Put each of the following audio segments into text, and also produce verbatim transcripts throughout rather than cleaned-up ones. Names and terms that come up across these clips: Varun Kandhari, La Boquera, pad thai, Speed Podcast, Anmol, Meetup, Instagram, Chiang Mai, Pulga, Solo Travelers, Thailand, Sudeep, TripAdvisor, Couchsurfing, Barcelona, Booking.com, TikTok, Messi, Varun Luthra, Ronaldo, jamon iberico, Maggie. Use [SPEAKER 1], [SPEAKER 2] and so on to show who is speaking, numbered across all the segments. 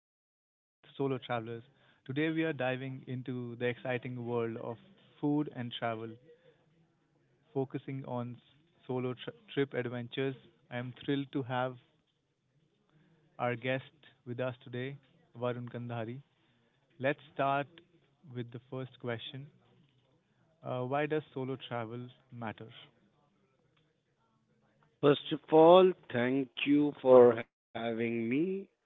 [SPEAKER 1] our podcast, Solo Travelers. Today we are diving into the exciting world of food and travel, focusing on s- solo tr- trip adventures. I am thrilled to have our guest with us today, Varun Kandhari. Let's start with the first question. Uh, Why does solo travel matter?
[SPEAKER 2] First of all, thank you for having me.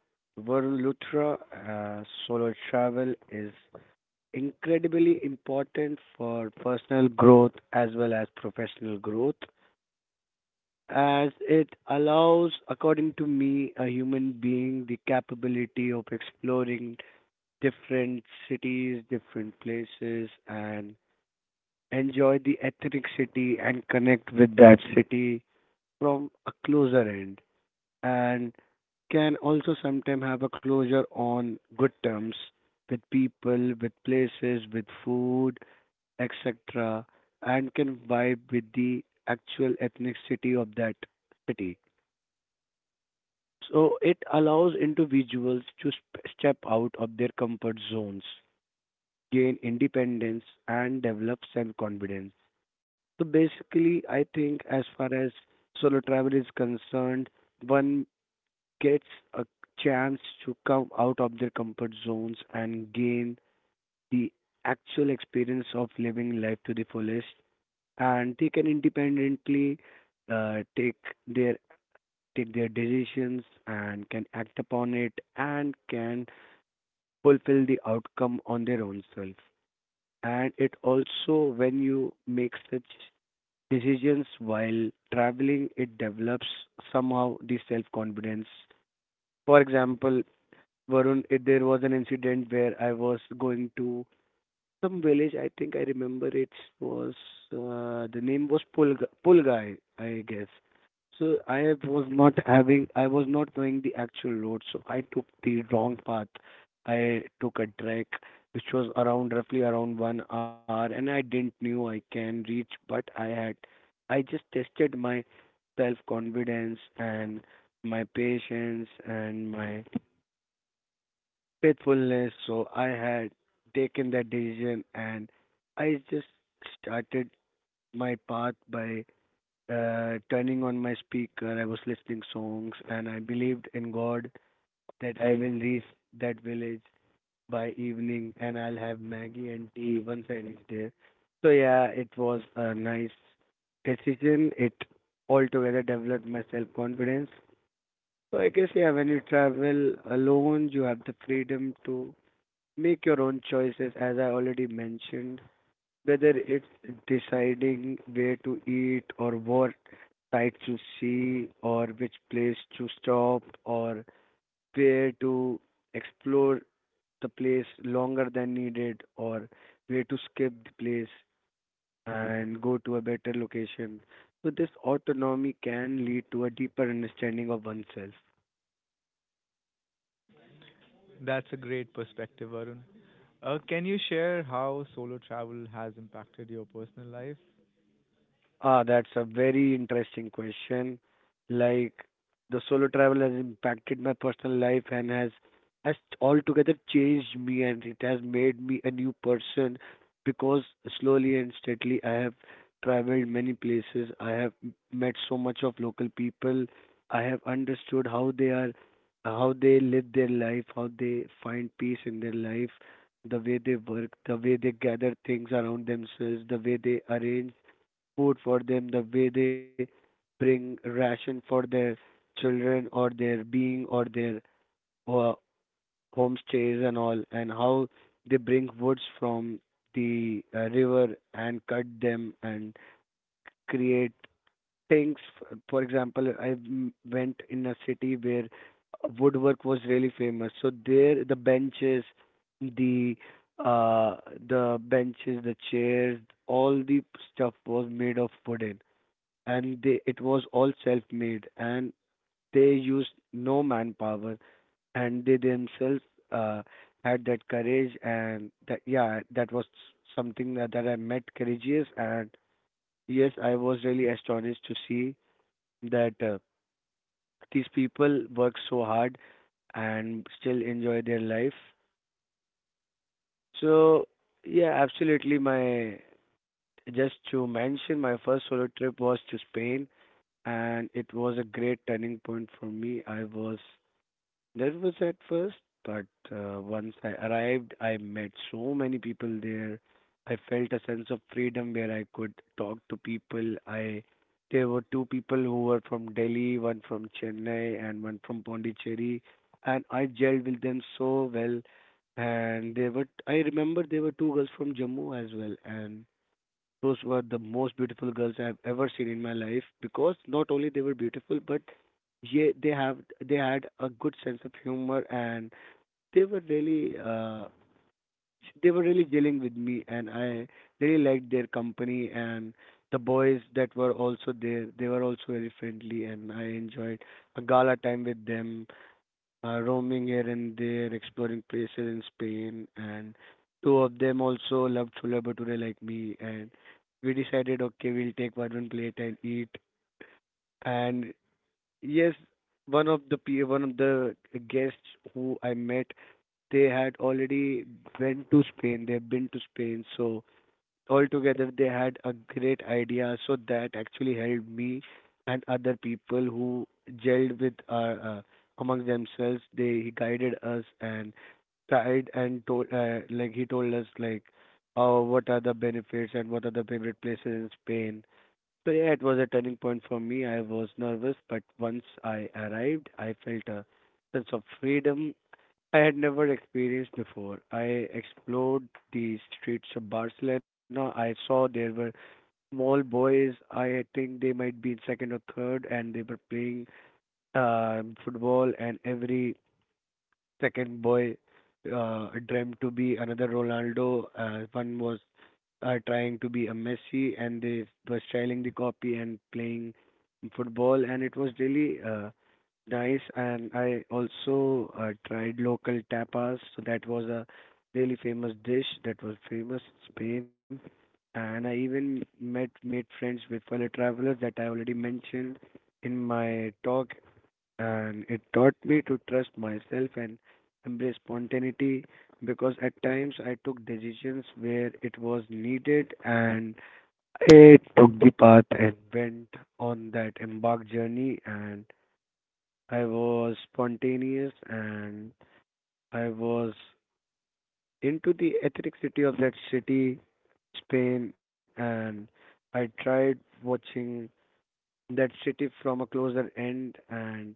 [SPEAKER 2] Varun Luthra, uh, solo travel is incredibly important for personal growth as well as professional growth, as it allows, according to me, a human being the capability of exploring different cities, different places, and enjoy the ethnic city and connect with that city from a closer end. And can also sometimes have a closure on good terms with people, with places, with food, et cetera, and can vibe with the actual ethnicity of that city. So it allows individuals to sp- step out of their comfort zones, gain independence, and develop self confidence. So basically, I think as far as solo travel is concerned, one gets a chance to come out of their comfort zones and gain the actual experience of living life to the fullest, and they can independently uh, take their take their decisions and can act upon it and can fulfill the outcome on their own self. And it also, when you make such decisions while traveling, it develops somehow the self confidence. For example, Varun, it, there was an incident where I was going to some village. I think I remember it was, uh, the name was Pulga, Pulgai, I guess. So I was not having, I was not knowing the actual road, so I took the wrong path. I took a trek which was around roughly around one hour, and I didn't knew I can reach, but I had, I just tested my self confidence and my patience and my faithfulness. So I had taken that decision and I just started my path by uh, turning on my speaker. I was listening songs and I believed in God that I will reach that village by evening and I'll have Maggie and tea once I reach there. So yeah, it was a nice decision. It altogether developed my self confidence. So I guess yeah, when you travel alone, you have the freedom to make your own choices, as I already mentioned, whether it's deciding where to eat or what sight to see or which place to stop or where to explore the place longer than needed or where to skip the place and go to a better location. So, this autonomy can lead to a deeper understanding of oneself.
[SPEAKER 1] That's a great perspective, Varun. Uh, can you share how solo travel has impacted your personal life?
[SPEAKER 2] Ah, that's a very interesting question. Like the solo travel has impacted my personal life and has has altogether changed me and it has made me a new person because slowly and steadily I have traveled many places. I have m- met so much of local people. I have understood how they are, how they live their life, how they find peace in their life, the way they work, the way they gather things around themselves, the way they arrange food for them, the way they bring ration for their children or their being or their uh, homestays and all, and how they bring woods from the uh, river and cut them and create things. F- For example, I m- went in a city where woodwork was really famous. So there, the benches, the uh the benches, the chairs, all the stuff was made of wooden, and they it was all self-made and they used no manpower and they themselves, uh, had that courage and that yeah that was something that, that I met courageous and yes I was really astonished to see that, uh, these people work so hard and still enjoy their life. So yeah, absolutely. My just to mention, my first solo trip was to Spain, and it was a great turning point for me. I was nervous at first, but uh, once I arrived, I met so many people there. I felt a sense of freedom where I could talk to people. I there were two people who were from Delhi, one from Chennai and one from Pondicherry, and I gelled with them so well. And they were I remember there were two girls from Jammu as well, and those were the most beautiful girls I have ever seen in my life because not only they were beautiful, but yeah, they have they had a good sense of humor and they were really, uh, they were really dealing with me and I really liked their company and the boys that were also there they were also very friendly and I enjoyed a gala time with them, uh, roaming here and there, exploring places in Spain, and two of them also loved chole bhature like me, and we decided, okay, we'll take one one plate and eat. And yes, one of the pe- one of the guests who I met, they had already went to Spain. They've been to Spain, so altogether they had a great idea so that actually helped me and other people who gelled with our, uh, among themselves they guided us and tried and told, uh, like he told us like oh what are the benefits and what are the favorite places in Spain. So yeah, it was a turning point for me. I was nervous, but once I arrived I felt a sense of freedom I had never experienced before. I explored the streets of Barcelona. I saw there were small boys. I think they might be in second or third, and they were playing um football. And every second boy, uh, dreamt to be another Ronaldo. Uh, one was, uh, trying to be a Messi, and they were styling the copy and playing football, and it was really, uh, nice. And I also, uh, tried local tapas, so that was a really famous dish that was famous in Spain. And I even met made friends with fellow travelers that I already mentioned in my talk and it taught me to trust myself and embrace spontaneity because at times I took decisions where it was needed and I took the path and went on that embark journey and I was spontaneous and I was into the ethnic city of that city, Spain, and I tried watching that city from a closer end. And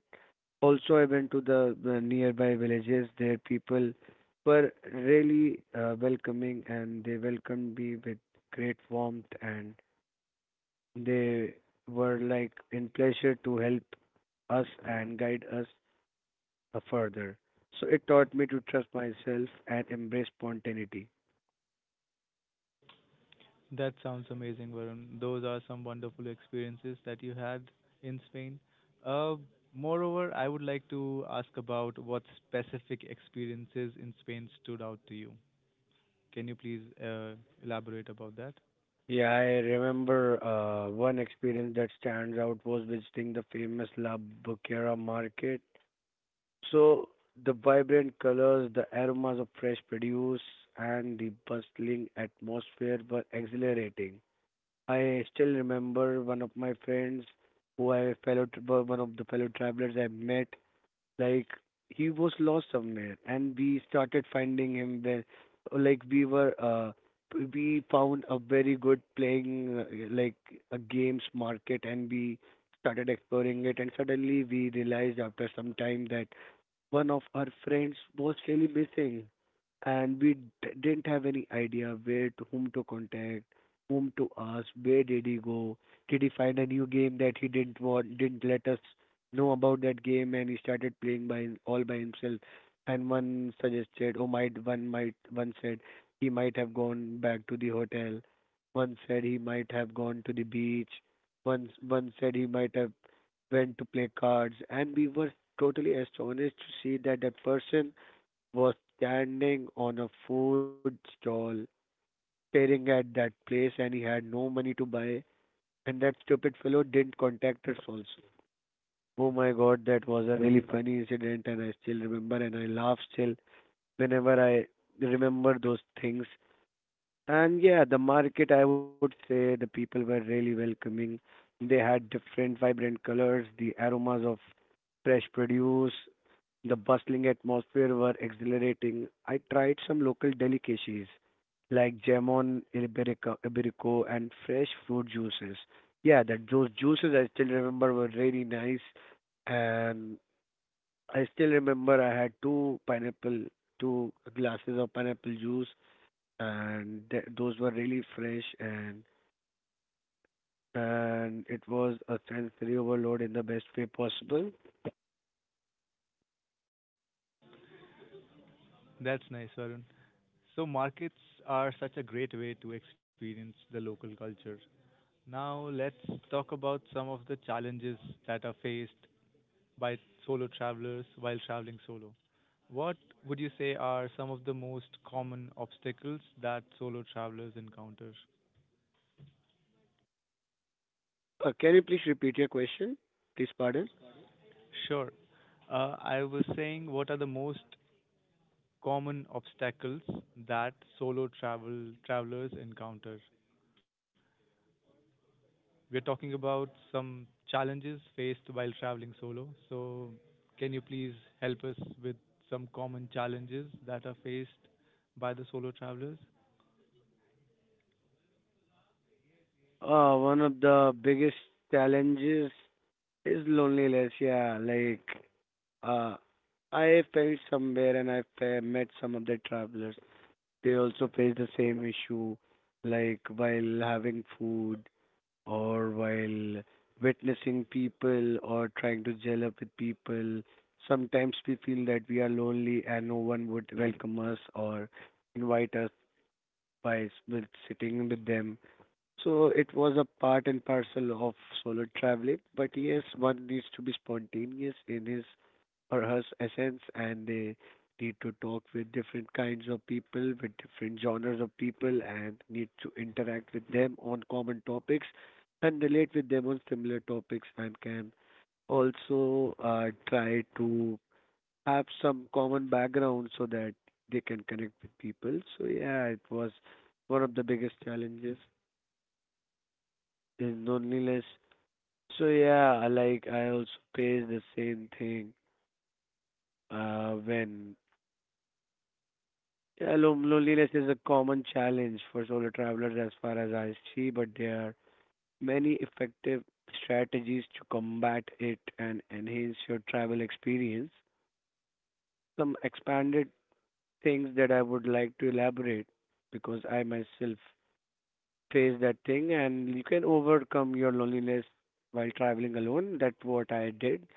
[SPEAKER 2] also, I went to the, the nearby villages. Their people were really, uh, welcoming and they welcomed me with great warmth and they were like in pleasure to help us and guide us, uh, further. So it taught me to trust myself and embrace spontaneity.
[SPEAKER 1] That sounds amazing, Varun. Those are some wonderful experiences that you had in Spain. Uh, moreover, I would like to ask about what specific experiences in Spain stood out to you. Can you please uh, elaborate about that?
[SPEAKER 2] Yeah, I remember, uh, one experience that stands out was visiting the famous La Boquera market. So the vibrant colors, the aromas of fresh produce, and the bustling atmosphere were exhilarating. I still remember one of my friends who I fellow were one of the fellow travelers I met. Like he was lost somewhere, and we started finding him where, like we were uh we found a very good playing, uh, like a games market, and we started exploring it. And suddenly we realized after some time that one of our friends was really missing, and we d- didn't have any idea where to whom to contact, whom to ask, where did he go, did he find a new game that he didn't want, didn't let us know about that game, and he started playing by him- all by himself. And one suggested, oh, might one might one said he might have gone back to the hotel. One said he might have gone to the beach. One one said he might have went to play cards, and we were totally astonished to see that that person was standing on a food stall staring at that place and he had no money to buy and that stupid fellow didn't contact us also. Oh my god, that was a really funny incident and I still remember and I laugh still whenever I remember those things and yeah, the market, I would say the people were really welcoming. They had different vibrant colors, the aromas of fresh produce, the bustling atmosphere were exhilarating. I tried some local delicacies like jamon iberico, iberico and fresh fruit juices. Yeah, that those juices I still remember were really nice, and I still remember I had two pineapple, two glasses of pineapple juice and th- those were really fresh and and it was a sensory overload in the best way possible.
[SPEAKER 1] That's nice, Varun. So, markets are such a great way to experience the local culture. Now, let's talk about some of the challenges that are faced by solo travelers while traveling solo. What would you say are some of the most common obstacles that solo travelers encounter?
[SPEAKER 2] Uh, can you please repeat your question? Please pardon.
[SPEAKER 1] Sure. Uh, I was saying, what are the most common obstacles that solo travel travelers encounter? We're talking about some challenges faced while traveling solo. So, can you please help us with some common challenges that are faced by the solo travelers?
[SPEAKER 2] Uh, one of the biggest challenges is loneliness. Yeah, like, uh, I felt somewhere and I fa- met some of the travelers. They also faced the same issue, like while having food or while witnessing people or trying to gel up with people. Sometimes we feel that we are lonely and no one would welcome us or invite us by s- with sitting with them. So it was a part and parcel of solo traveling. But yes, one needs to be spontaneous in his or her essence, and they need to talk with different kinds of people, with different genres of people, and need to interact with them on common topics and relate with them on similar topics, and can also uh, try to have some common background so that they can connect with people. So yeah, it was one of the biggest challenges. Is loneliness. So yeah, I like I also face the same thing uh, when yeah, lo- loneliness is a common challenge for solo travelers as far as I see, but there are many effective strategies to combat it and enhance your travel experience. Some expanded things that I would like to elaborate because I myself face that thing and you can overcome your loneliness while traveling alone. That's what I did.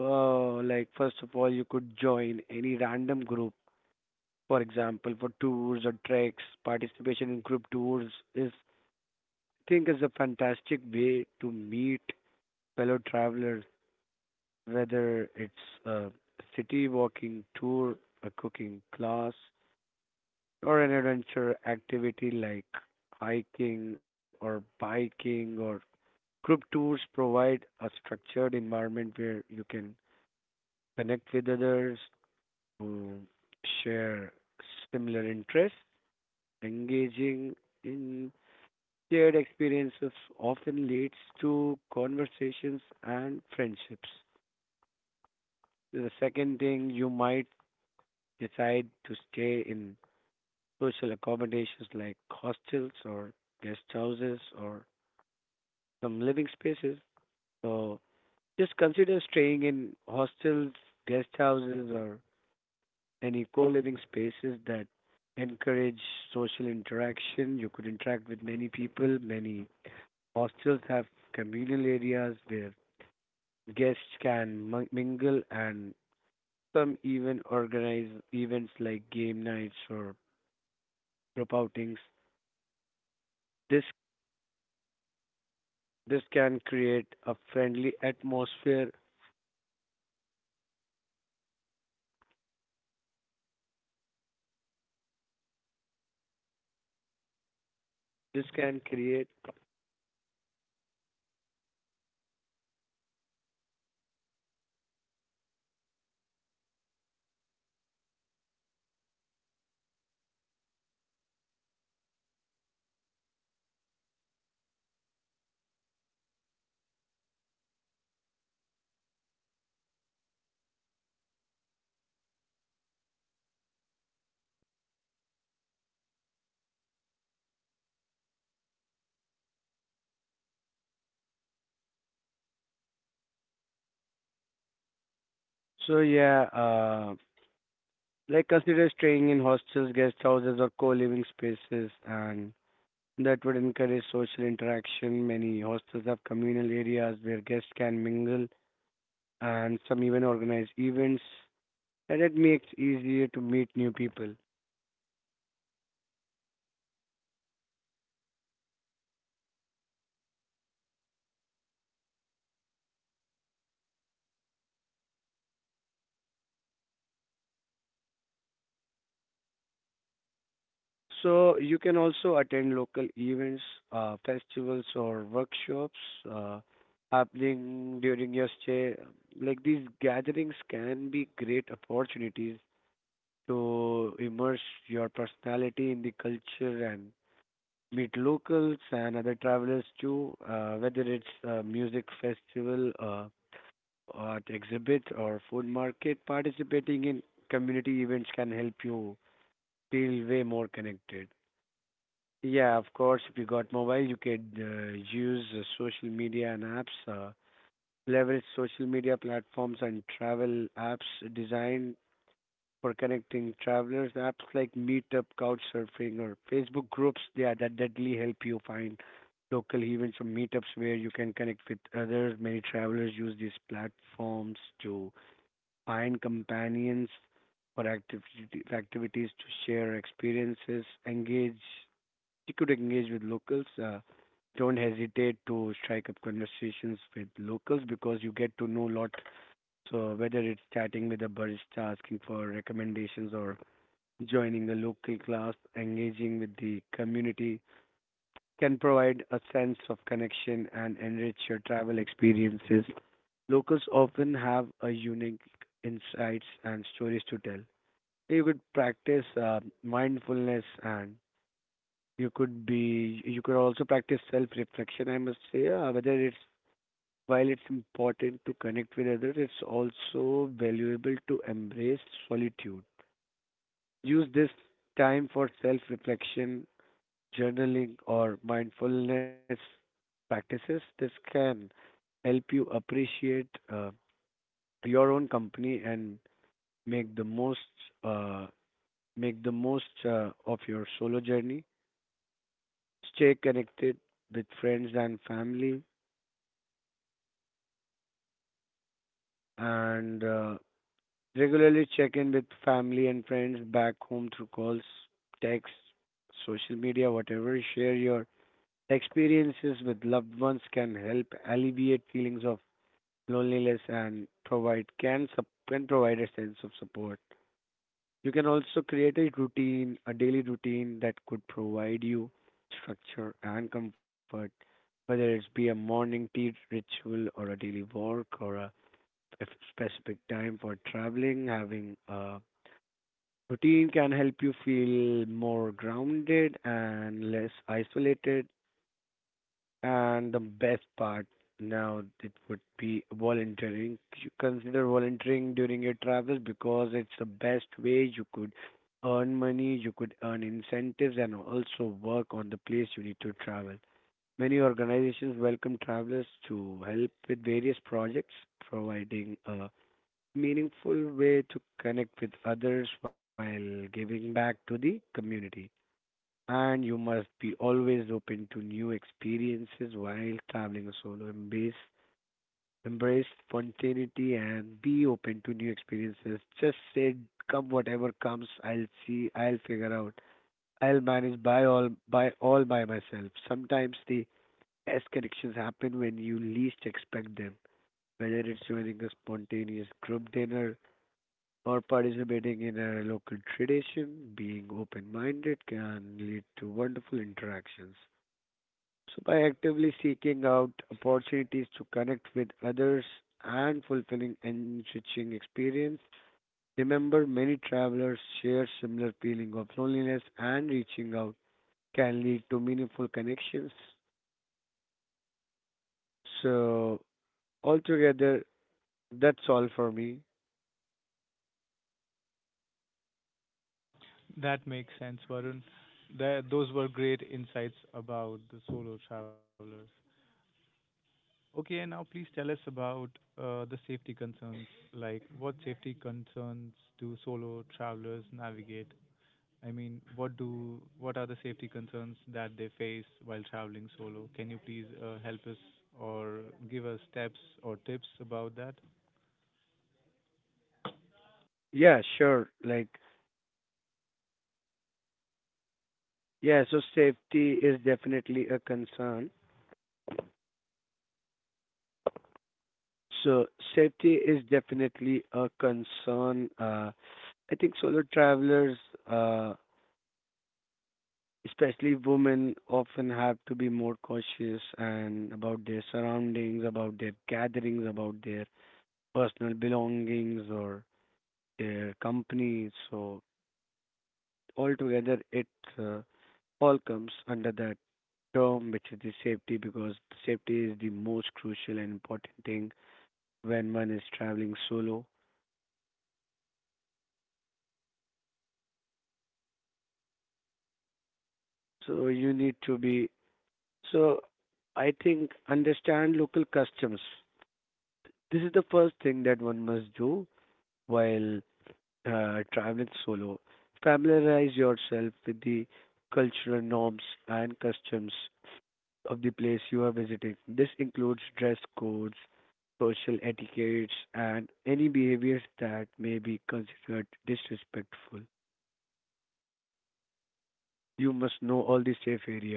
[SPEAKER 2] Uh, like first of all, you could join any random group. For example, for tours or treks, participation in group tours is, I think, is a fantastic way to meet fellow travelers. Whether it's a city walking tour, a cooking class, or an adventure activity like hiking or biking, or group tours provide a structured environment where you can connect with others who share similar interests. Engaging in shared experiences often leads to conversations and friendships. The second thing, you might decide to stay in social accommodations like hostels or guest houses or some living spaces. So just consider staying in hostels, guest houses, or any co living spaces that encourage social interaction. You could interact with many people. Many hostels have communal areas where guests can mi- mingle, and some even organize events like game nights or group outings. This this can create a friendly atmosphere. This can create. So yeah, uh, like consider staying in hostels, guest houses, or co-living spaces, and that would encourage social interaction. Many hostels have communal areas where guests can mingle, and some even organize events, and it makes easier to meet new people. So you can also attend local events, uh, festivals, or workshops uh, happening during your stay. Like these gatherings can be great opportunities to immerse your personality in the culture and meet locals and other travelers too, uh, whether it's a music festival, uh, art exhibit, or food market. Participating in community events can help you feel way more connected. Yeah, of course, if you got mobile, you could uh, use uh, social media and apps. Uh, leverage social media platforms and travel apps designed for connecting travelers. Apps like Meetup, Couchsurfing, or Facebook groups, yeah, that deadly help you find local events or meetups where you can connect with others. Many travelers use these platforms to find companions for activity, activities to share experiences, engage. You could engage with locals. Uh, don't hesitate to strike up conversations with locals because you get to know a lot. So whether it's chatting with a barista, asking for recommendations, or joining a local class, engaging with the community can provide a sense of connection and enrich your travel experiences. Locals often have a unique insights and stories to tell. You could practice uh, mindfulness and you could be you could also practice self-reflection, I must say, uh, whether it's while it's important to connect with others, it's also valuable to embrace solitude. Use this time for self reflection journaling, or mindfulness practices. This can help you appreciate uh, your own company and make the most uh, make the most uh, of your solo journey. Stay connected with friends and family, and uh, regularly check in with family and friends back home through calls, texts, social media, whatever. Share your experiences with loved ones can help alleviate feelings of loneliness and provide can sup- can provide a sense of support. You can also create a routine, a daily routine that could provide you structure and comfort, whether it's be a morning tea ritual or a daily walk or a a specific time for traveling. Having a routine can help you feel more grounded and less isolated and the best part now it would be volunteering. You consider volunteering during your travels because it's the best way you could earn money, you could earn incentives, and also work on the place you need to travel. Many organizations welcome travelers to help with various projects, providing a meaningful way to connect with others while giving back to the community and you must be always open to new experiences while traveling solo. Embrace embrace spontaneity and be open to new experiences. Just say come whatever comes, I'll see, I'll figure out. I'll manage by all by all by myself. Sometimes the best connections happen when you least expect them. Whether it's joining a spontaneous group dinner or participating in a local tradition, being open minded can lead to wonderful interactions. So by actively seeking out opportunities to connect with others and fulfilling and enriching experience, remember many travelers share similar feeling of loneliness and reaching out can lead to meaningful connections. So altogether, that's all for me.
[SPEAKER 1] That makes sense, Varun. That, those were great insights about the solo travelers. Okay, and now please tell us about uh, the safety concerns. Like, what safety concerns do solo travelers navigate? I mean, what do what are the safety concerns that they face while traveling solo? Can you please uh, help us or give us steps or tips about that?
[SPEAKER 2] Yeah, sure. Like, yeah, so safety is definitely a concern. So safety is definitely a concern. Uh, I think solo travelers uh, especially women often have to be more cautious and about their surroundings, about their gatherings, about their personal belongings or their companies. So altogether, it uh, all comes under that term, which is the safety, because safety is the most crucial and important thing when one is traveling solo. So you need to be so. I think understand local customs. This is the first thing that one must do while uh, traveling solo, familiarize yourself with the cultural norms and customs of the place you are visiting. This includes dress codes, social etiquettes, and any behaviors that may be considered disrespectful. You must know all the safe areas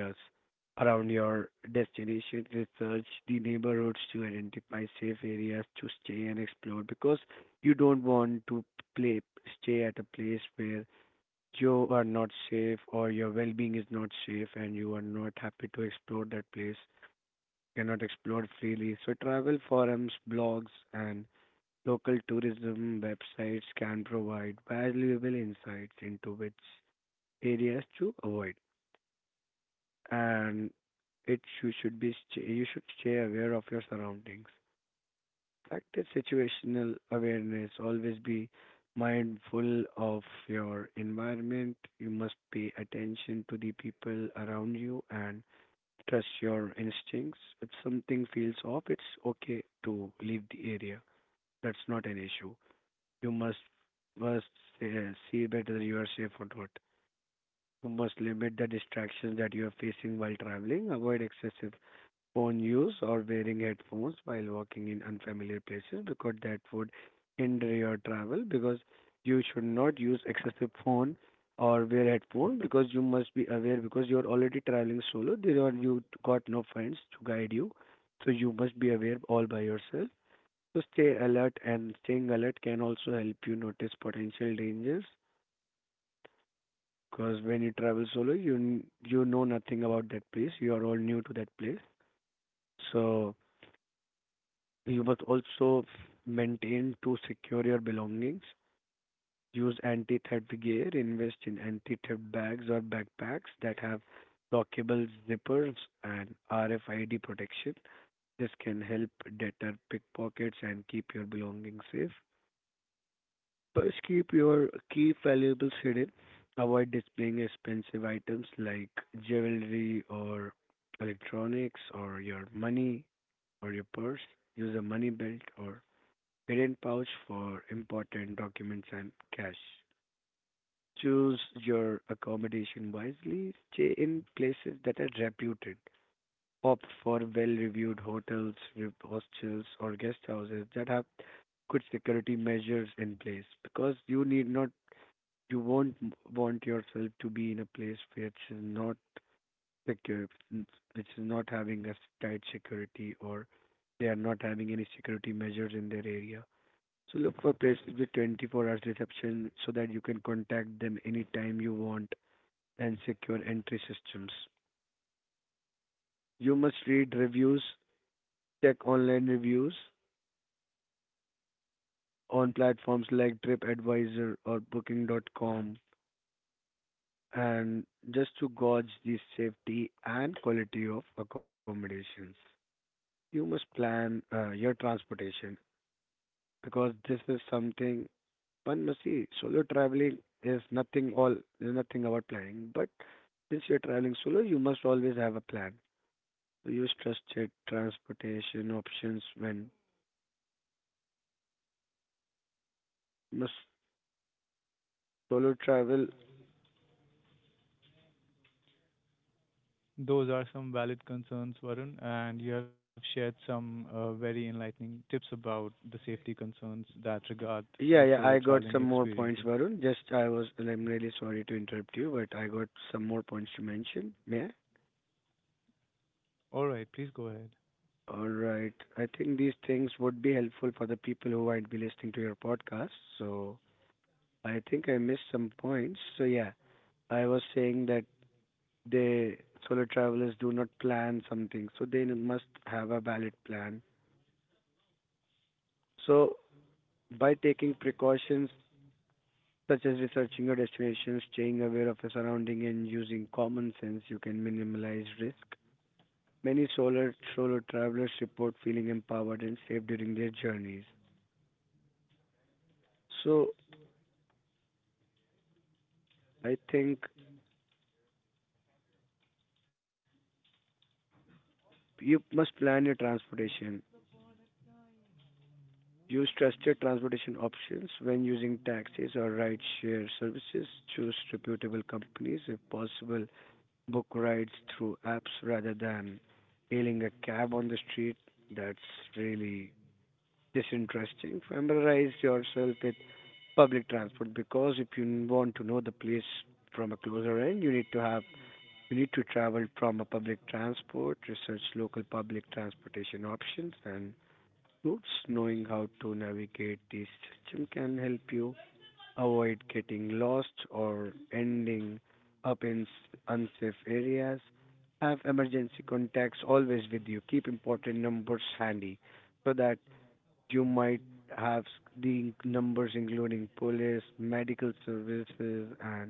[SPEAKER 2] around your destination, research the neighborhoods to identify safe areas to stay and explore because you don't want to play stay at a place where you are not safe or your well-being is not safe and you are not happy to explore that place, cannot explore freely. So travel forums, blogs, and local tourism websites can provide valuable insights into which areas to avoid. And it you should be st- you should stay aware of your surroundings. Practice situational awareness. Always be mindful of your environment. You must pay attention to the people around you and trust your instincts. If something feels off, it's okay to leave the area. That's not an issue. You must first uh, see whether you are safe or not. You must limit the distractions that you are facing while traveling. Avoid excessive phone use or wearing headphones while walking in unfamiliar places because that would hinder your travel because you should not use excessive phone or wear headphone because you must be aware because you're already traveling solo there are you got no friends to guide you so you must be aware all by yourself so stay alert and staying alert can also help you notice potential dangers because when you travel solo you n- you know nothing about that place you are all new to that place so you must also maintain to secure your belongings. Use anti-theft gear. Invest in anti-theft bags or backpacks that have lockable zippers and R F I D protection. This can help deter pickpockets and keep your belongings safe. First, keep your key valuables hidden. Avoid displaying expensive items like jewelry or electronics or your money or your purse. Use a money belt or hidden pouch for important documents and cash. Choose your accommodation wisely. Stay in places that are reputed. Opt for well-reviewed hotels, re- hostels, or guest houses that have good security measures in place because you need not, you won't m- want yourself to be in a place which is not secure, which is not having a tight security or they are not having any security measures in their area. So look for places with twenty-four hours reception so that you can contact them anytime you want and secure entry systems. You must read reviews, check online reviews on platforms like TripAdvisor or booking dot com and just to gauge the safety and quality of accommodations. You must plan uh, your transportation because this is something but see, solo traveling is nothing all is nothing about planning. But since you're traveling solo, you must always have a plan. So use trusted transportation options when must solo travel.
[SPEAKER 1] Those are some valid concerns, Varun, and you have shared some uh, very enlightening tips about the safety concerns that regard
[SPEAKER 2] Yeah,
[SPEAKER 1] the
[SPEAKER 2] yeah, I
[SPEAKER 1] solo
[SPEAKER 2] got
[SPEAKER 1] traveling
[SPEAKER 2] some more
[SPEAKER 1] experience.
[SPEAKER 2] points, Varun. Just I was and I'm really sorry to interrupt you, but I got some more points to mention. May I?
[SPEAKER 1] All right, please go ahead.
[SPEAKER 2] All right. I think these things would be helpful for the people who might be listening to your podcast. So I think I missed some points. So yeah, I was saying that they solo travelers do not plan something, so they must have a valid plan. So by taking precautions such as researching your destination, staying aware of your surrounding, and using common sense, you can minimize risk. Many solo solo travelers report feeling empowered and safe during their journeys. So I think you must plan your transportation. Use trusted transportation options when using taxis or rideshare services. Choose reputable companies. If possible, book rides through apps rather than hailing a cab on the street. That's really disinteresting. Familiarize yourself with public transport because if you want to know the place from a closer end, you need to have you need to travel from a public transport, research local public transportation options, and groups, knowing how to navigate the system can help you avoid getting lost or ending up in s- unsafe areas. Have emergency contacts always with you. Keep important numbers handy so that you might have s- the numbers, including police, medical services, and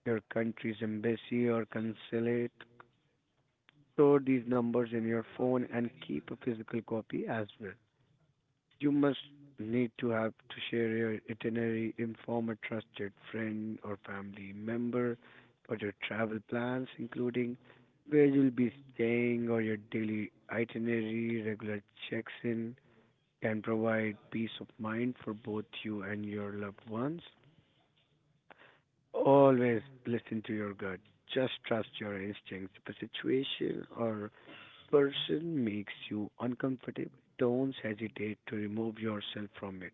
[SPEAKER 2] your country's embassy or consulate. Store these numbers in your phone and keep a physical copy as well. You must need to have to share your itinerary, inform a trusted friend or family member for your travel plans, including where you'll be staying or your daily itinerary. Regular checks in can provide peace of mind for both you and your loved ones. Always listen to your gut. Just trust your instincts. If a situation or person makes you uncomfortable, don't hesitate to remove yourself from it.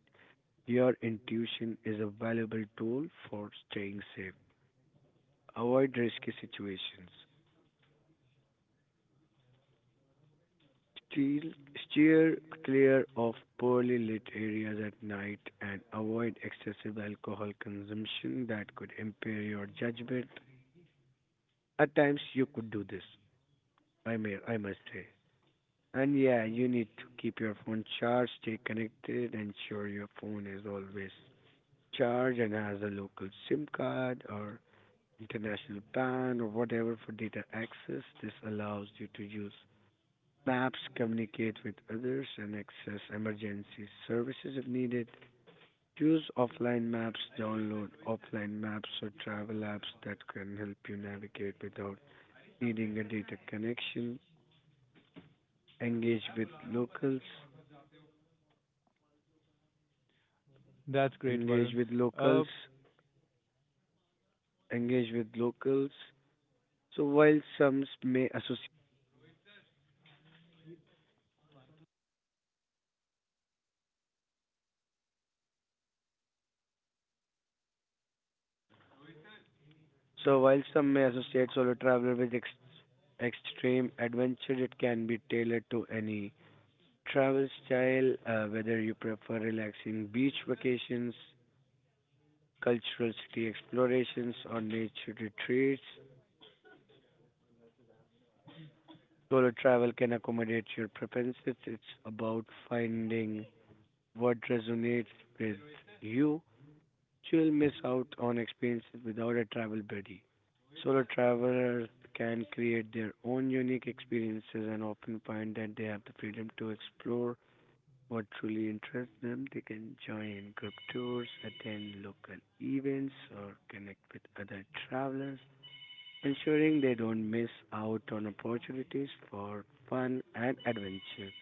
[SPEAKER 2] Your intuition is a valuable tool for staying safe. Avoid risky situations. Steer, steer clear of poorly lit areas at night and avoid excessive alcohol consumption that could impair your judgment. At times, you could do this, I, may, I must say. And yeah, you need to keep your phone charged, stay connected, ensure your phone is always charged and has a local SIM card or international PAN or whatever for data access. This allows you to use maps, communicate with others, and access emergency services if needed. Use offline maps, download offline maps or travel apps that can help you navigate without needing a data connection. Engage with locals,
[SPEAKER 1] That's great,
[SPEAKER 2] engage
[SPEAKER 1] Varun.
[SPEAKER 2] with locals,
[SPEAKER 1] Uh,
[SPEAKER 2] Engage with locals. So while some may associate So while some may associate solo travel with ex- extreme adventure. It can be tailored to any travel style, uh, whether you prefer relaxing beach vacations, cultural city explorations, or nature retreats. Solo travel can accommodate your preferences. It's about finding what resonates with you. You'll miss out on experiences without a travel buddy. Solo travelers can create their own unique experiences and often find that they have the freedom to explore what truly interests them. They can join group tours, attend local events, or connect with other travelers, ensuring they don't miss out on opportunities for fun and adventure.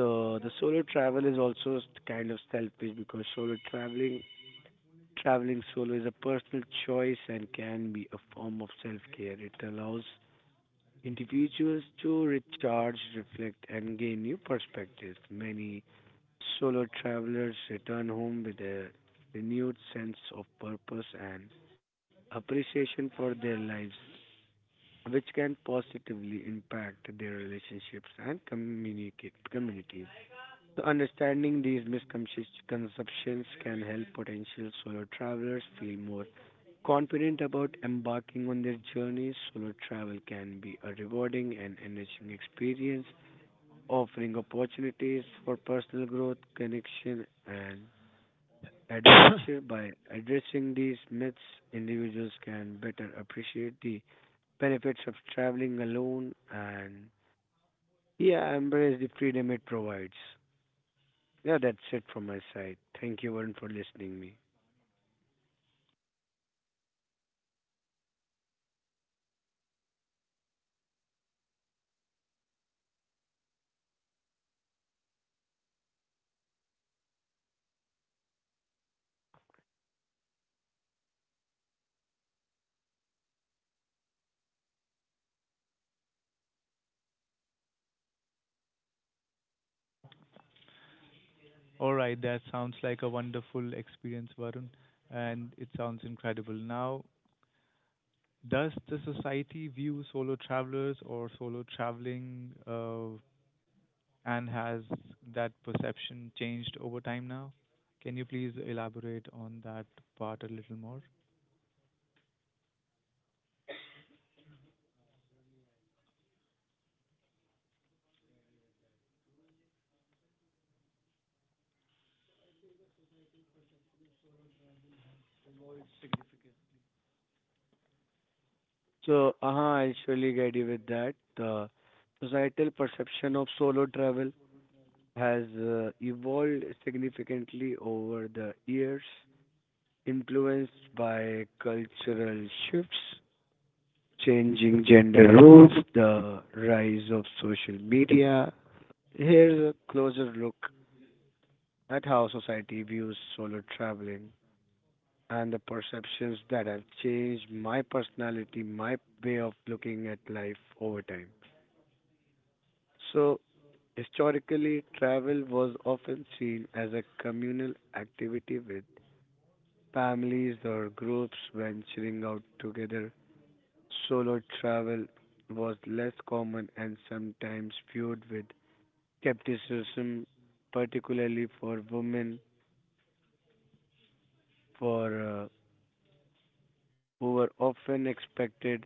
[SPEAKER 2] So the solo travel is also s- kind of selfish. Because solo traveling Traveling solo is a personal choice and can be a form of self care. It allows individuals to recharge, reflect, and gain new perspectives. Many solo travelers return home with a renewed sense of purpose and appreciation for their lives, which can positively impact their relationships and communicate communities. So understanding these misconceptions can help potential solo travelers feel more confident about embarking on their journeys. Solo travel can be a rewarding and enriching experience, offering opportunities for personal growth, connection, and adventure. By addressing these myths, individuals can better appreciate the benefits of traveling alone and, yeah, embrace the freedom it provides. Yeah, that's it from my side. Thank you, Varun, for listening me.
[SPEAKER 1] all right, that sounds like a wonderful experience, Varun, and it sounds incredible. Now, does the society view solo travelers or solo traveling uh, And has that perception changed over time now? Can you please elaborate on that part a little more?
[SPEAKER 2] So, uh I'll surely guide you with that. The societal perception of solo travel has uh, evolved significantly over the years, influenced by cultural shifts, changing gender roles, the rise of social media. Here's a closer look at how society views solo traveling, and the perceptions that have changed my personality, my way of looking at life over time. So, historically, travel was often seen as a communal activity with families or groups venturing out together. Solo travel was less common and sometimes viewed with skepticism, particularly for women, for uh, who were often expected,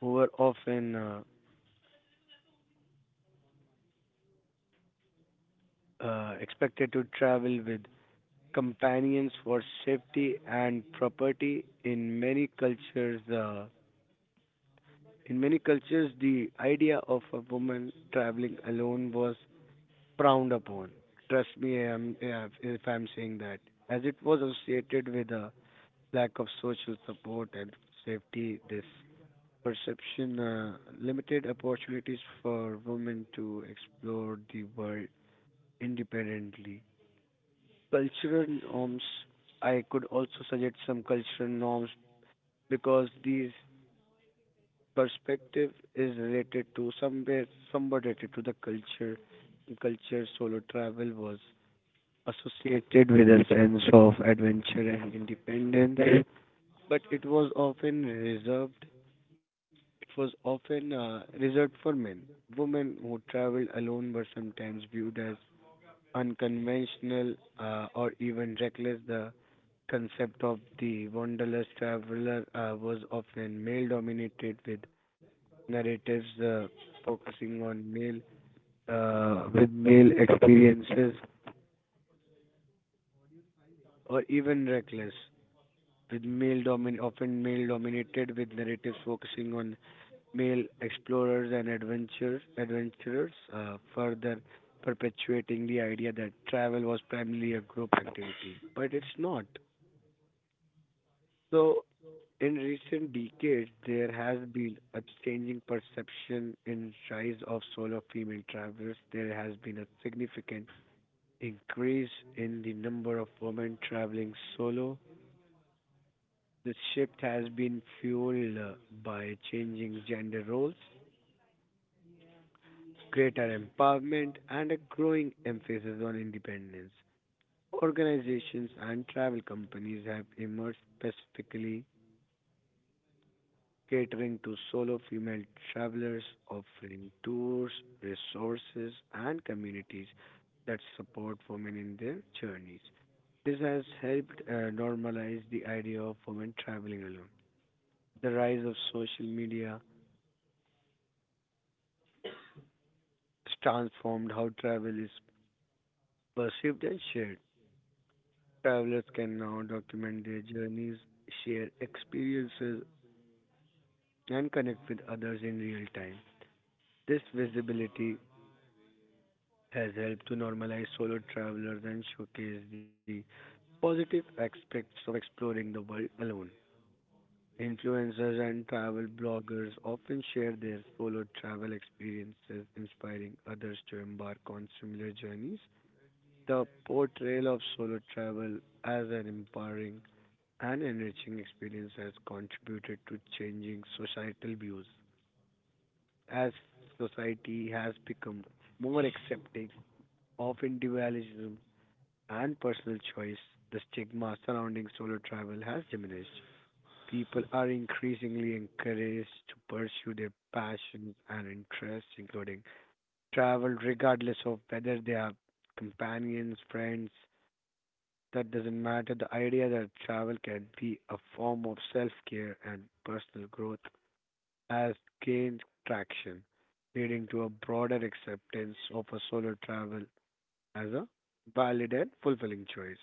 [SPEAKER 2] who were often uh, uh, expected to travel with companions for safety and property. In many cultures the in many cultures, the idea of a woman traveling alone was frowned upon. Trust me, I'm, yeah, if I'm saying that. As it was associated with a lack of social support and safety, this perception uh, limited opportunities for women to explore the world independently. Cultural norms, I could also suggest some cultural norms, because these perspective is related to somewhere somewhat related to the culture. In culture, solo travel was associated with a sense of adventure and independence, but it was often reserved. It was often uh, reserved for men. Women who traveled alone were sometimes viewed as unconventional, uh, or even reckless. The concept of the wanderlust traveler uh, was often male dominated, with narratives uh, focusing on male uh, with male experiences or even reckless with male domin often male dominated with narratives focusing on male explorers and adventures adventurers, uh, further perpetuating the idea that travel was primarily a group activity, but it's not. So, in recent decades, there has been a changing perception in rise of solo female travelers. There has been a significant increase in the number of women traveling solo. The shift has been fueled uh, by changing gender roles, greater empowerment, and a growing emphasis on independence. Organizations and travel companies have emerged specifically catering to solo female travelers, offering tours, resources, and communities that support women in their journeys. This has helped uh, normalize the idea of women traveling alone. The rise of social media has transformed how travel is perceived and shared. Travelers can now document their journeys, share experiences, and connect with others in real time. This visibility has helped to normalize solo travelers and showcase the positive aspects of exploring the world alone. Influencers and travel bloggers often share their solo travel experiences, inspiring others to embark on similar journeys. The portrayal of solo travel as an empowering and enriching experience has contributed to changing societal views. As society has become more accepting of individualism and personal choice, the stigma surrounding solo travel has diminished. People are increasingly encouraged to pursue their passions and interests, including travel, regardless of whether they are companions, friends. That doesn't matter. The idea that travel can be a form of self care and personal growth has gained traction, leading to a broader acceptance of a solo travel as a valid and fulfilling choice.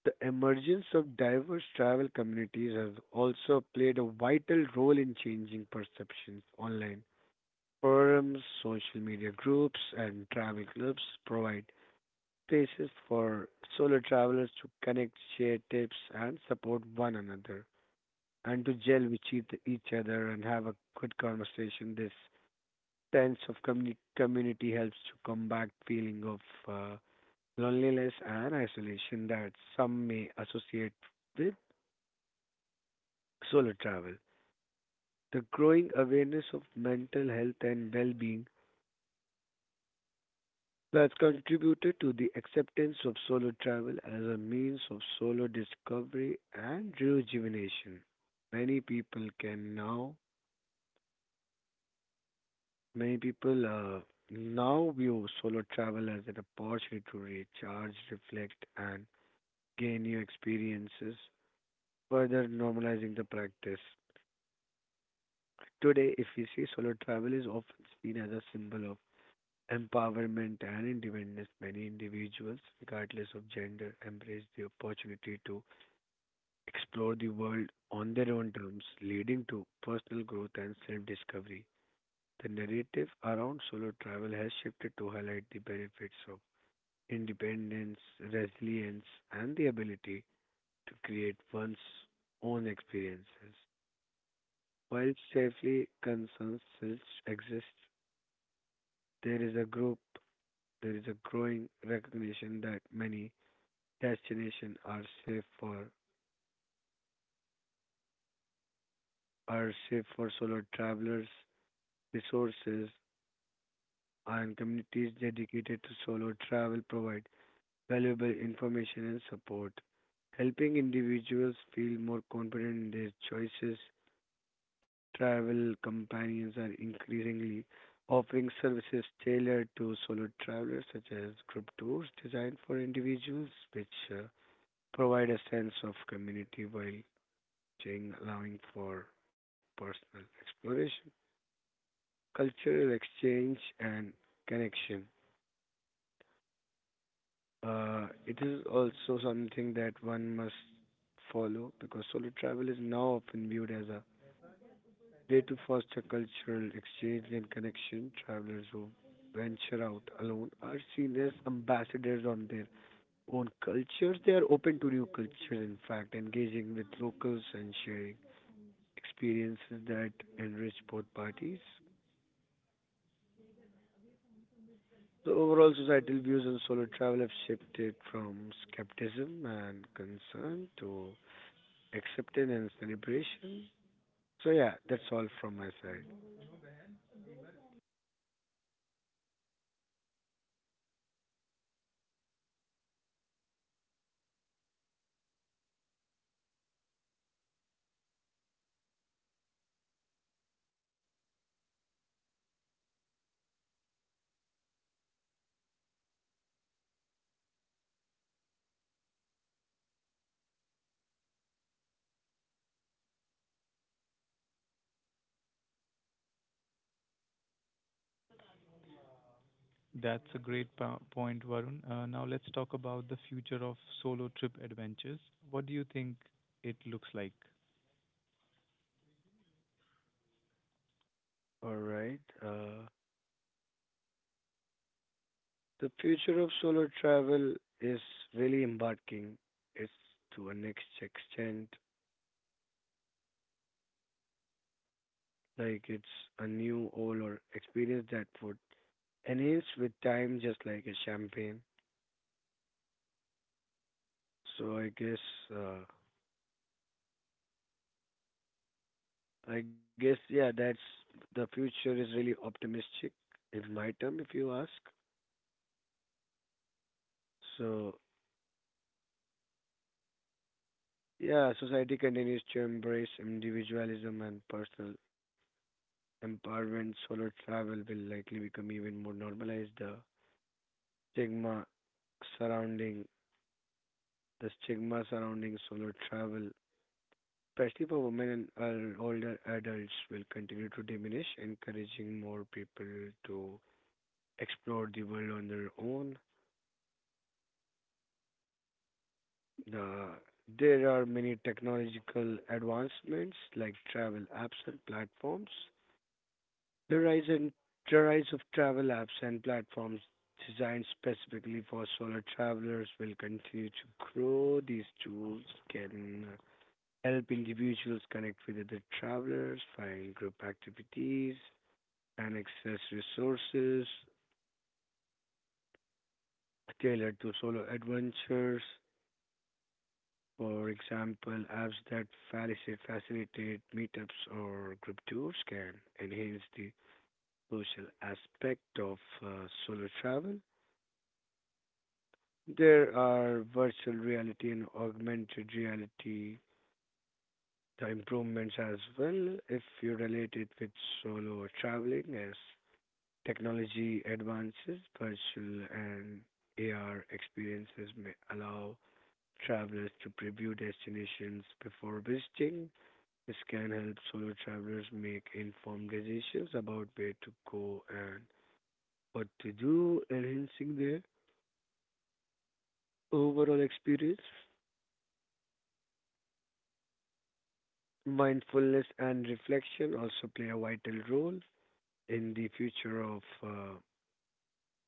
[SPEAKER 2] The emergence of diverse travel communities has also played a vital role in changing perceptions online. Forums, social media groups, and travel clubs provide spaces for solo travelers to connect, share tips, and support one another, and to gel with each each other and have a good conversation. This sense of communi- community helps to combat feeling of uh, loneliness and isolation that some may associate with solo travel. The growing awareness of mental health and well-being has contributed to the acceptance of solo travel as a means of solo discovery and rejuvenation. Many people can now, many people uh, now view solo travel as an opportunity to recharge, reflect, and gain new experiences, further normalizing the practice. Today, if we see, solo travel is often seen as a symbol of empowerment and independence. Many individuals, regardless of gender, embrace the opportunity to explore the world on their own terms, leading to personal growth and self discovery. The narrative around solo travel has shifted to highlight the benefits of independence, resilience, and the ability to create one's own experiences. While safely concerns still exist, there is a group, there is a growing recognition that many destinations are safe for are safe for solo travelers. Resources and communities dedicated to solo travel provide valuable information and support, helping individuals feel more confident in their choices. Travel companions are increasingly offering services tailored to solo travelers, such as group tours designed for individuals, which uh, provide a sense of community while exchange, allowing for personal exploration, cultural exchange, and connection. Uh, it is also something that one must follow, because solo travel is now often viewed as a way to foster cultural exchange and connection. Travelers who venture out alone are seen as ambassadors on their own cultures. They are open to new cultures, in fact, engaging with locals and sharing experiences that enrich both parties. So overall, societal views on solo travel have shifted from skepticism and concern to acceptance and celebration. So yeah, that's all from my side.
[SPEAKER 1] That's a great po- point, Varun. Uh, Now let's talk about the future of solo trip adventures. What do you think it looks like?
[SPEAKER 2] All right. Uh, The future of solo travel is really embarking. It's to a next extent, like it's a new all or experience that would enhance with time, just like a champagne. So I guess uh, I guess, yeah, that's, the future is really optimistic in my term, if you ask. So, yeah, society continues to embrace individualism and personal empowerment. Solo travel will likely become even more normalized. The stigma surrounding the stigma surrounding solo travel, especially for women and uh, older adults, will continue to diminish, encouraging more people to explore the world on their own. Uh, there are many technological advancements like travel apps and platforms. The rise and the rise of travel apps and platforms designed specifically for solo travelers will continue to grow. These tools can help individuals connect with other travelers, find group activities, and access resources tailored to solo adventures. For example, apps that faci- facilitate meetups or group tours can enhance the social aspect of uh, solo travel. There are virtual reality and augmented reality the improvements as well if you relate it with solo traveling as technology advances virtual and A R experiences may allow travelers to preview destinations before visiting. This can help solo travelers make informed decisions about where to go and what to do, enhancing their overall experience. Mindfulness and reflection also play a vital role in the future of uh,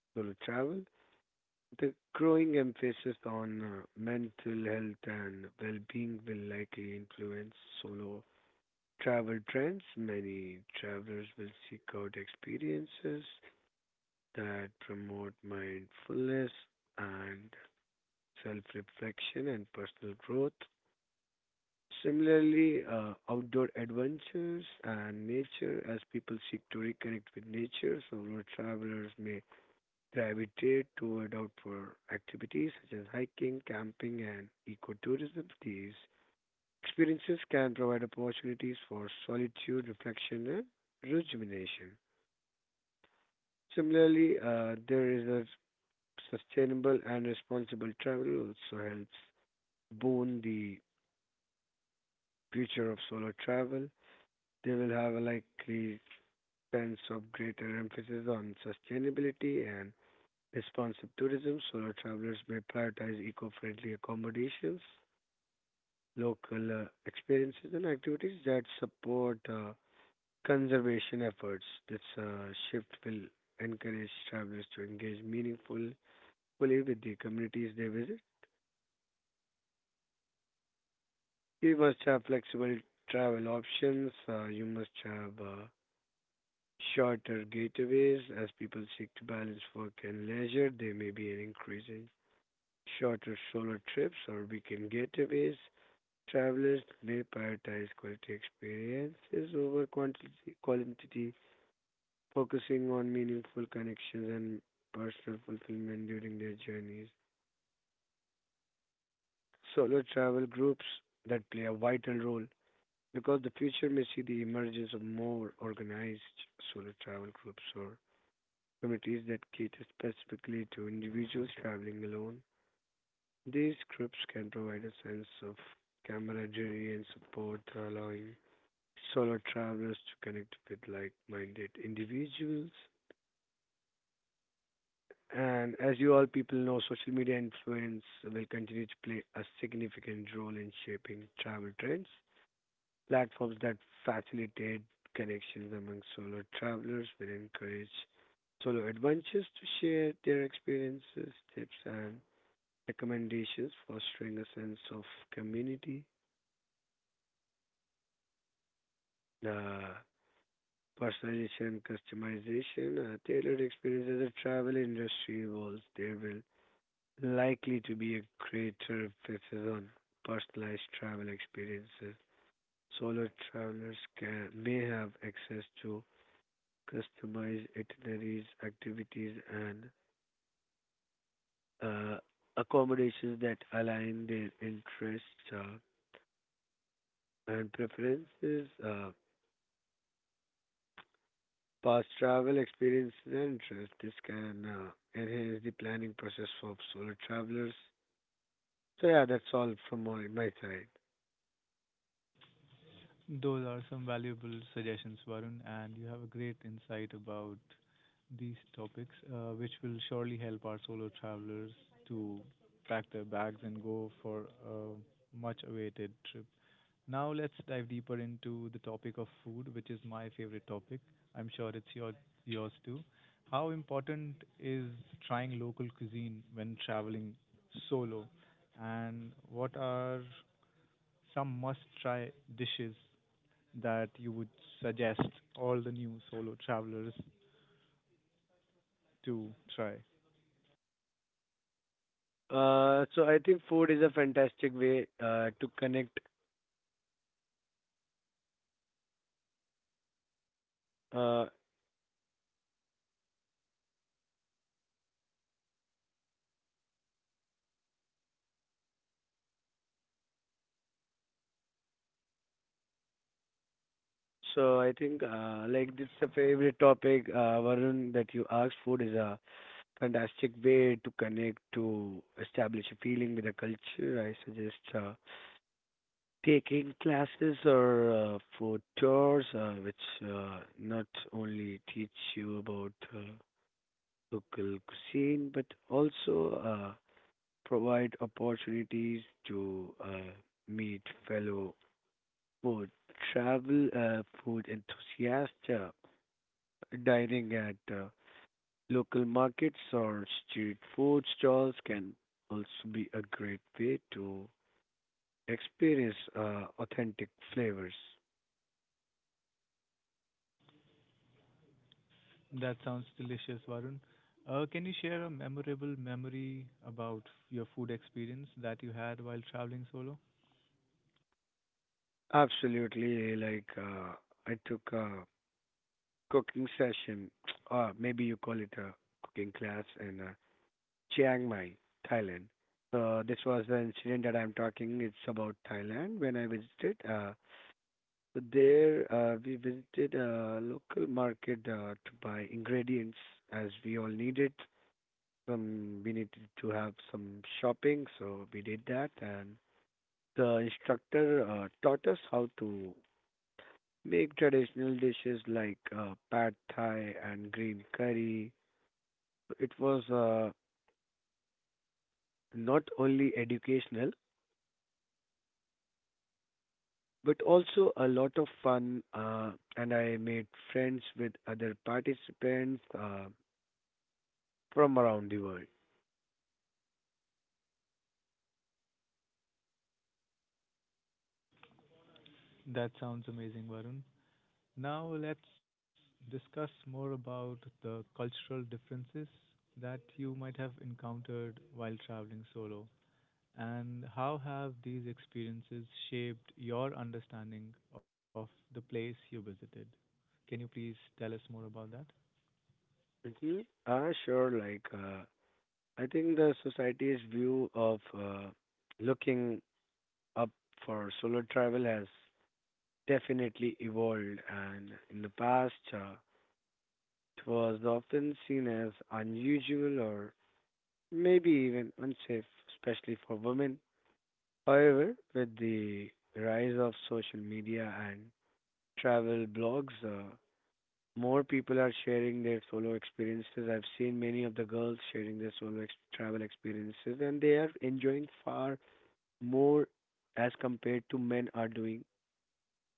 [SPEAKER 2] solo travel. The growing emphasis on uh, mental health and well being will likely influence solo travel trends. Many travelers will seek out experiences that promote mindfulness and self reflection and personal growth. Similarly, uh, outdoor adventures and nature, as people seek to reconnect with nature, so road travelers may gravitate toward outdoor activities such as hiking, camping, and ecotourism. These experiences can provide opportunities for solitude, reflection, and rejuvenation. Similarly, uh, there is a sustainable and responsible travel also helps boon the future of solo travel. They will have a likely sense of greater emphasis on sustainability and responsive tourism. Solo travelers may prioritize eco-friendly accommodations, local uh, experiences, and activities that support uh, conservation efforts. This uh, shift will encourage travelers to engage meaningfully with the communities they visit. You must have flexible travel options. Uh, you must have uh, shorter getaways. As people seek to balance work and leisure, there may be an increase in shorter solo trips or weekend getaways. Travelers may prioritize quality experiences over quantity, quantity, focusing on meaningful connections and personal fulfillment during their journeys. Solo travel groups that play a vital role because the future may see the emergence of more organized solo travel groups or committees that cater specifically to individuals traveling alone. These groups can provide a sense of camaraderie and support, allowing solo travelers to connect with like minded individuals. And as you all people know, social media influence will continue to play a significant role in shaping travel trends. Platforms that facilitate connections among solo travelers will encourage solo adventures to share their experiences, tips, and recommendations, fostering a sense of community. The personalization and customization, uh, tailored experience as the travel industry evolves, there will likely to be a greater emphasis on personalized travel experiences. Solo travelers can, may have access to customize itineraries, activities, and uh, accommodations that align their interests uh, and preferences. Uh, past travel experience and interests. This can uh, enhance the planning process for solo travelers. So yeah, that's all from my, my side.
[SPEAKER 1] Those are some valuable suggestions, Varun, and you have a great insight about these topics, uh, which will surely help our solo travelers to pack their bags and go for a much awaited trip. Now let's dive deeper into the topic of food, which is my favorite topic. I'm sure it's your yours too. How important is trying local cuisine when traveling solo? And what are some must-try dishes that you would suggest all the new solo travelers to try?
[SPEAKER 2] Uh, so I think food is a fantastic way uh, to connect. Uh, so I think uh, like this is a favorite topic, uh, Varun, that you asked. Food is a fantastic way to connect to establish a feeling with the culture. I suggest uh, taking classes or uh, food tours, uh, which uh, not only teach you about uh, local cuisine but also uh, provide opportunities to uh, meet fellow food travel uh, food enthusiasts uh, dining at uh, local markets or street food stalls can also be a great way to experience uh, authentic flavors.
[SPEAKER 1] That sounds delicious, Varun. Uh, can you share a memorable memory about your food experience that you had while traveling solo?
[SPEAKER 2] Absolutely, like uh, I took a cooking session, or maybe you call it a cooking class in uh, Chiang Mai, Thailand. So this was the incident that I'm talking. It's about Thailand when I visited. Uh, so there uh, we visited a local market uh, to buy ingredients as we all needed. Some we needed to have some shopping, so we did that and the instructor uh, taught us how to make traditional dishes like uh, pad thai and green curry. It was uh, not only educational but also a lot of fun uh, and I made friends with other participants uh, from around the world.
[SPEAKER 1] That sounds amazing, Varun. Now let's discuss more about the cultural differences that you might have encountered while traveling solo, and how have these experiences shaped your understanding of the place you visited. Can you please tell us more about that?
[SPEAKER 2] Mm-hmm. Uh, sure, like uh, I think the society's view of uh, looking up for solo travel has definitely evolved, and in the past, uh, it was often seen as unusual or maybe even unsafe, especially for women. However, with the rise of social media and travel blogs, uh, more people are sharing their solo experiences. I've seen many of the girls sharing their solo ex- travel experiences, and they are enjoying far more as compared to men are doing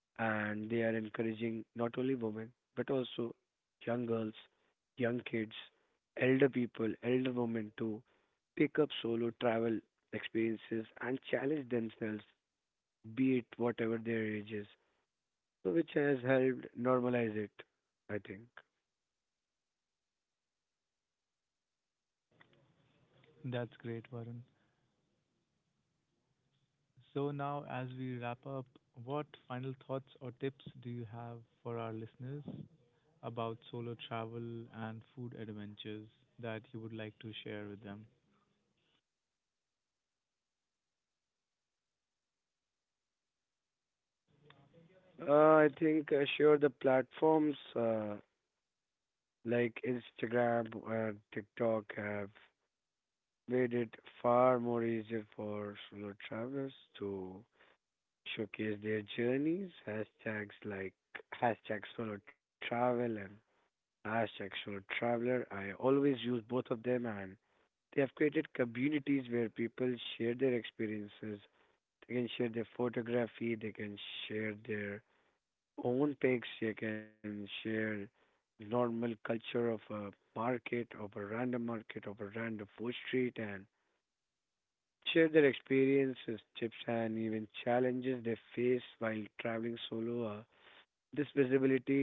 [SPEAKER 2] and they are encouraging not only women but also young girls, young kids, elder people, elder women to pick up solo travel experiences and challenge themselves, be it whatever their age is. So, which has helped normalize it, I think.
[SPEAKER 1] That's great, Varun. So now as we wrap up, what final thoughts or tips do you have for our listeners about solo travel and food adventures that you would like to share with them.
[SPEAKER 2] Uh, I think uh, sure the platforms uh, like Instagram and TikTok have made it far more easier for solo travelers to showcase their journeys, hashtags like hashtag solo travel and hashtag solo traveler. I always use both of them and they have created communities where people share their experiences. They can share their photography, they can share their own pics, they can share normal culture of a market, of a random market, of a random food street, and share their experiences, tips, and even challenges they face while traveling solo. Uh, this visibility f-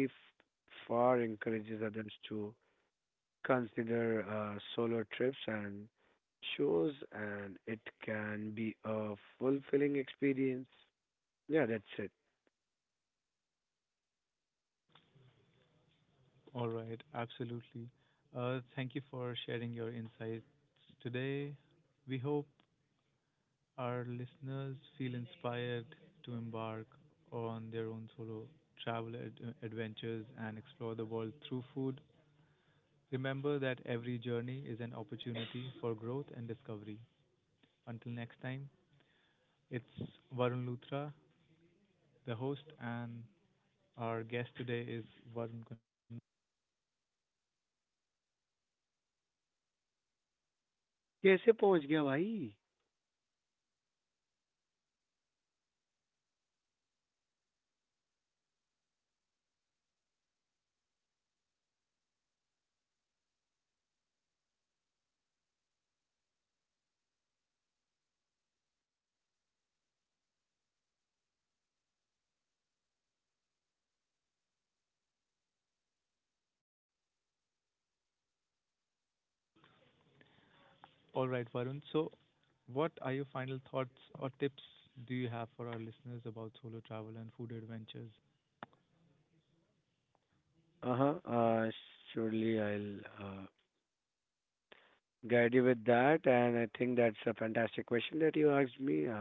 [SPEAKER 2] far encourages others to consider uh, solo trips and shows, and it can be a fulfilling experience. Yeah, that's it.
[SPEAKER 1] All right, absolutely. Uh, thank you for sharing your insights today. We hope our listeners feel inspired to embark on their own solo travel ad- adventures and explore the world through food. Remember that every journey is an opportunity for growth and discovery. Until next time, it's Varun Luthra, the host, and our guest today is Varun Kun.
[SPEAKER 2] कैसे पहुंच गया भाई।
[SPEAKER 1] All right, Varun. So, what are your final thoughts or tips do you have for our listeners about solo travel and food adventures?
[SPEAKER 2] Uh-huh. Uh, surely I'll uh, guide you with that, and I think that's a fantastic question that you asked me. Uh,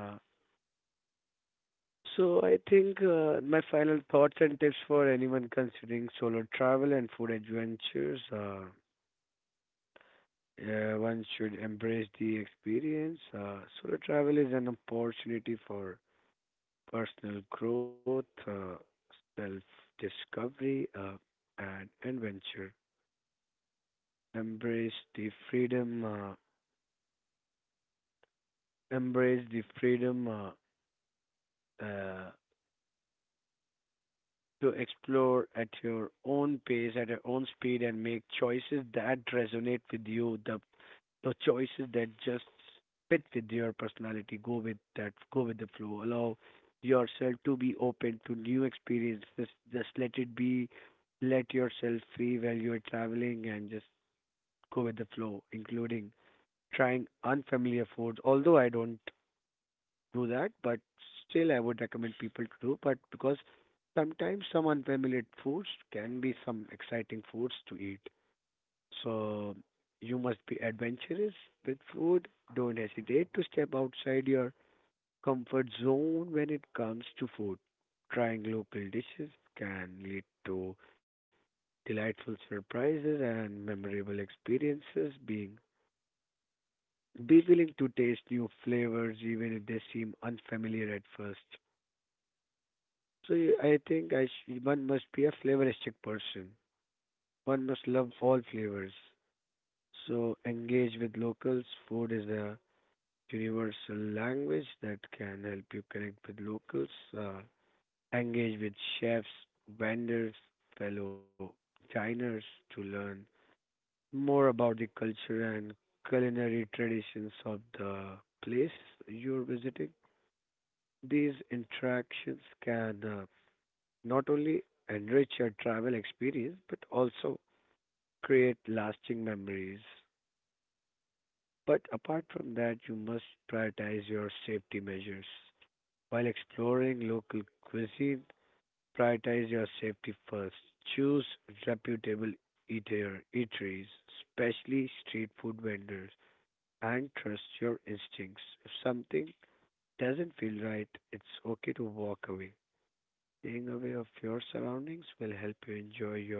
[SPEAKER 2] So I think uh, my final thoughts and tips for anyone considering solo travel and food adventures are uh, yeah, one should embrace the experience. Uh, solo travel is an opportunity for personal growth, uh, self-discovery, uh, and adventure. Embrace the freedom. Uh, embrace the freedom. Uh, uh, to explore at your own pace, at your own speed, and make choices that resonate with you, the, the choices that just fit with your personality. Go with that, go with the flow. Allow yourself to be open to new experiences. Just let it be, let yourself free while you're traveling and just go with the flow, including trying unfamiliar foods. Although I don't do that, but still I would recommend people to do. But because sometimes some unfamiliar foods can be some exciting foods to eat. So you must be adventurous with food. Don't hesitate to step outside your comfort zone when it comes to food. Trying local dishes can lead to delightful surprises and memorable experiences. Being be willing to taste new flavors even if they seem unfamiliar at first. So you- I think I sh- one must be a flavoristic person. One must love all flavors. So engage with locals. Food is a universal language that can help you connect with locals. Uh, engage with chefs, vendors, fellow diners to learn more about the culture and culinary traditions of the place you're visiting. These interactions can uh, not only enrich your travel experience but also create lasting memories. But apart from that, you must prioritize your safety measures. While exploring local cuisine, prioritize your safety first. Choose reputable eater, eateries, especially street food vendors, and trust your instincts. If something doesn't feel right, it's okay to walk away. Staying aware of your surroundings will help you enjoy your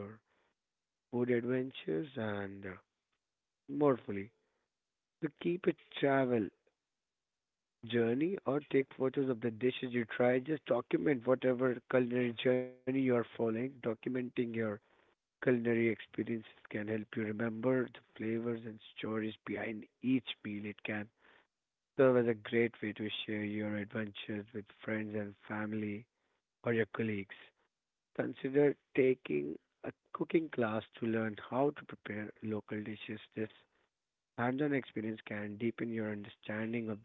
[SPEAKER 2] food adventures, and uh, more fully. So keep a travel journey or take photos of the dishes you try. Just document whatever culinary journey you are following. Documenting your culinary experiences can help you remember the flavors and stories behind each meal. It can serve as a great way to share your adventures with friends and family or your colleagues. Consider taking a cooking class to learn how to prepare local dishes. This hands-on experience can deepen your understanding of the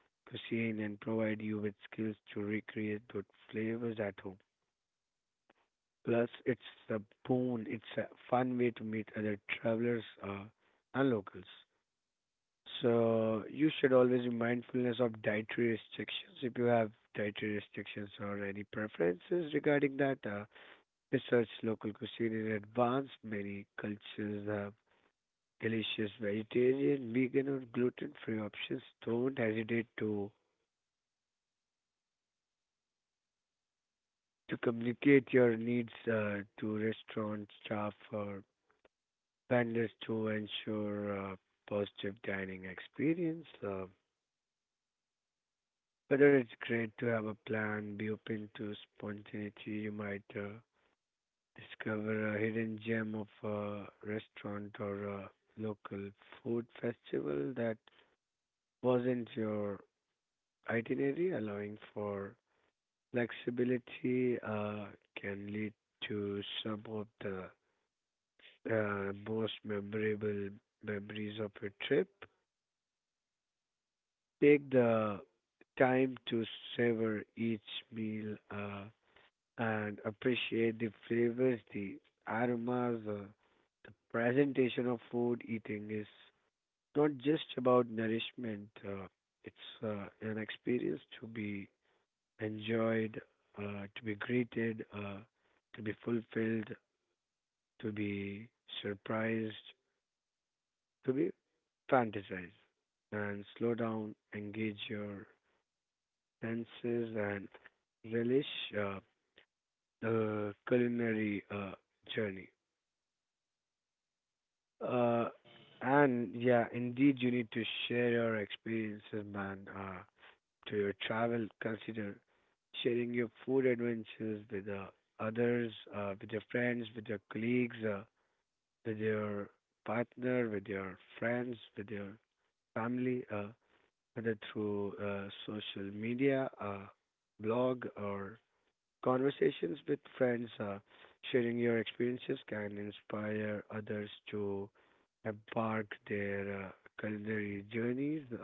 [SPEAKER 2] cuisine and provide you with skills to recreate good flavors at home. Plus, it's a boon. It's a fun way to meet other travelers uh, and locals. So you should always be mindfulness of dietary restrictions. If you have dietary restrictions or any preferences regarding that, uh, research local cuisine in advance. Many cultures have delicious vegetarian, vegan, or gluten-free options, don't hesitate to to communicate your needs uh, to restaurant staff or vendors to ensure a positive dining experience. Uh, whether it's great to have a plan, be open to spontaneity. You might uh, discover a hidden gem of a restaurant or a local food festival that wasn't your itinerary, allowing for flexibility uh, can lead to some of the uh, most memorable memories of a trip. Take the time to savor each meal uh, and appreciate the flavors, the aromas, uh, the presentation of food. Eating is not just about nourishment, uh, it's uh, an experience to be enjoyed, uh, to be greeted, uh, to be fulfilled, to be surprised, to be fantasized. And slow down, engage your senses, and relish uh, the culinary uh, journey. Uh, and yeah, indeed, you need to share your experiences, man. Uh, to your travel, consider sharing your food adventures with uh, others, uh, with your friends, with your colleagues, uh, with your partner, with your friends, with your family, uh, whether through uh, social media, uh, blog, or conversations with friends. Uh, sharing your experiences can inspire others to embark their uh, culinary journeys. Uh,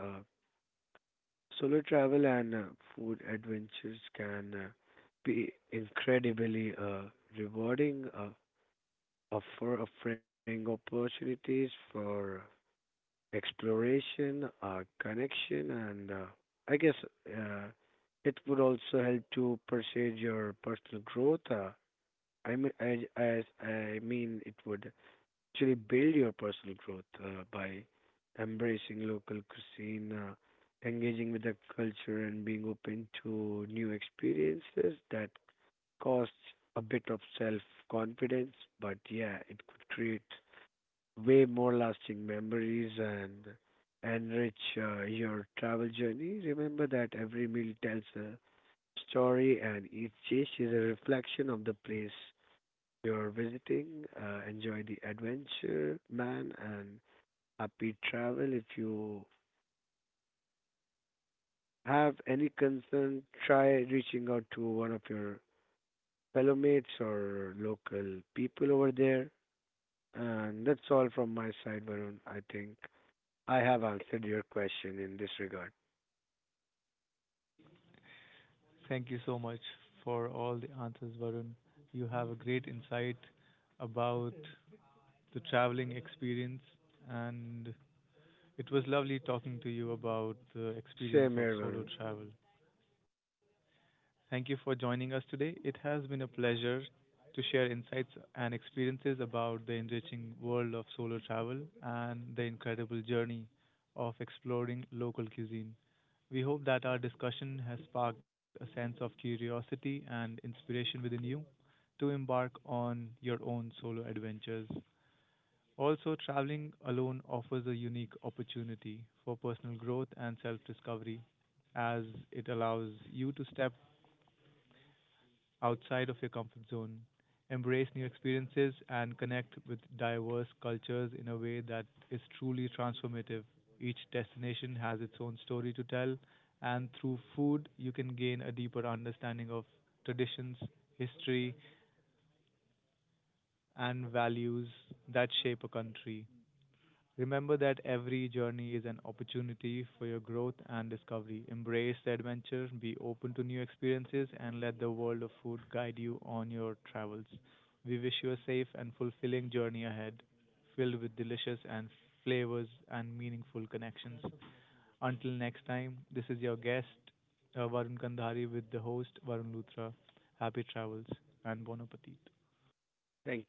[SPEAKER 2] Solo travel and uh, food adventures can uh, be incredibly uh, rewarding, uh, offer offering opportunities for exploration, uh, connection, and uh, I guess uh, it would also help to pursue your personal growth. Uh, I mean, I, I, I mean, it would actually build your personal growth uh, by embracing local cuisine, uh, engaging with the culture, and being open to new experiences that costs a bit of self confidence. But yeah, it could create way more lasting memories and enrich uh, your travel journey. Remember that every meal tells a story and each dish is a reflection of the place you're visiting. Uh, enjoy the adventure, man, and happy travel. If you have any concern, try reaching out to one of your fellow mates or local people over there. And that's all from my side, Varun. I think I have answered your question in this regard.
[SPEAKER 1] Thank you so much for all the answers, Varun. You have a great insight about the traveling experience, and it was lovely talking to you about the
[SPEAKER 2] Same here,
[SPEAKER 1] experience of
[SPEAKER 2] Varun.
[SPEAKER 1] solo travel. Thank you for joining us today. It has been a pleasure to share insights and experiences about the enriching world of solo travel and the incredible journey of exploring local cuisine. We hope that our discussion has sparked a sense of curiosity and inspiration within you to embark on your own solo adventures. Also, traveling alone offers a unique opportunity for personal growth and self discovery as it allows you to step outside of your comfort zone, embrace new experiences, and connect with diverse cultures in a way that is truly transformative. Each destination has its own story to tell, and through food, you can gain a deeper understanding of traditions, history, and values that shape a country. Remember that every journey is an opportunity for your growth and discovery. Embrace the adventure, be open to new experiences, and let the world of food guide you on your travels. We wish you a safe and fulfilling journey ahead, filled with delicious and flavors and meaningful connections. Until next time, this is your guest, uh, Varun Kandhari, with the host, Varun Luthra. Happy travels and bon appetit.
[SPEAKER 2] Thank you.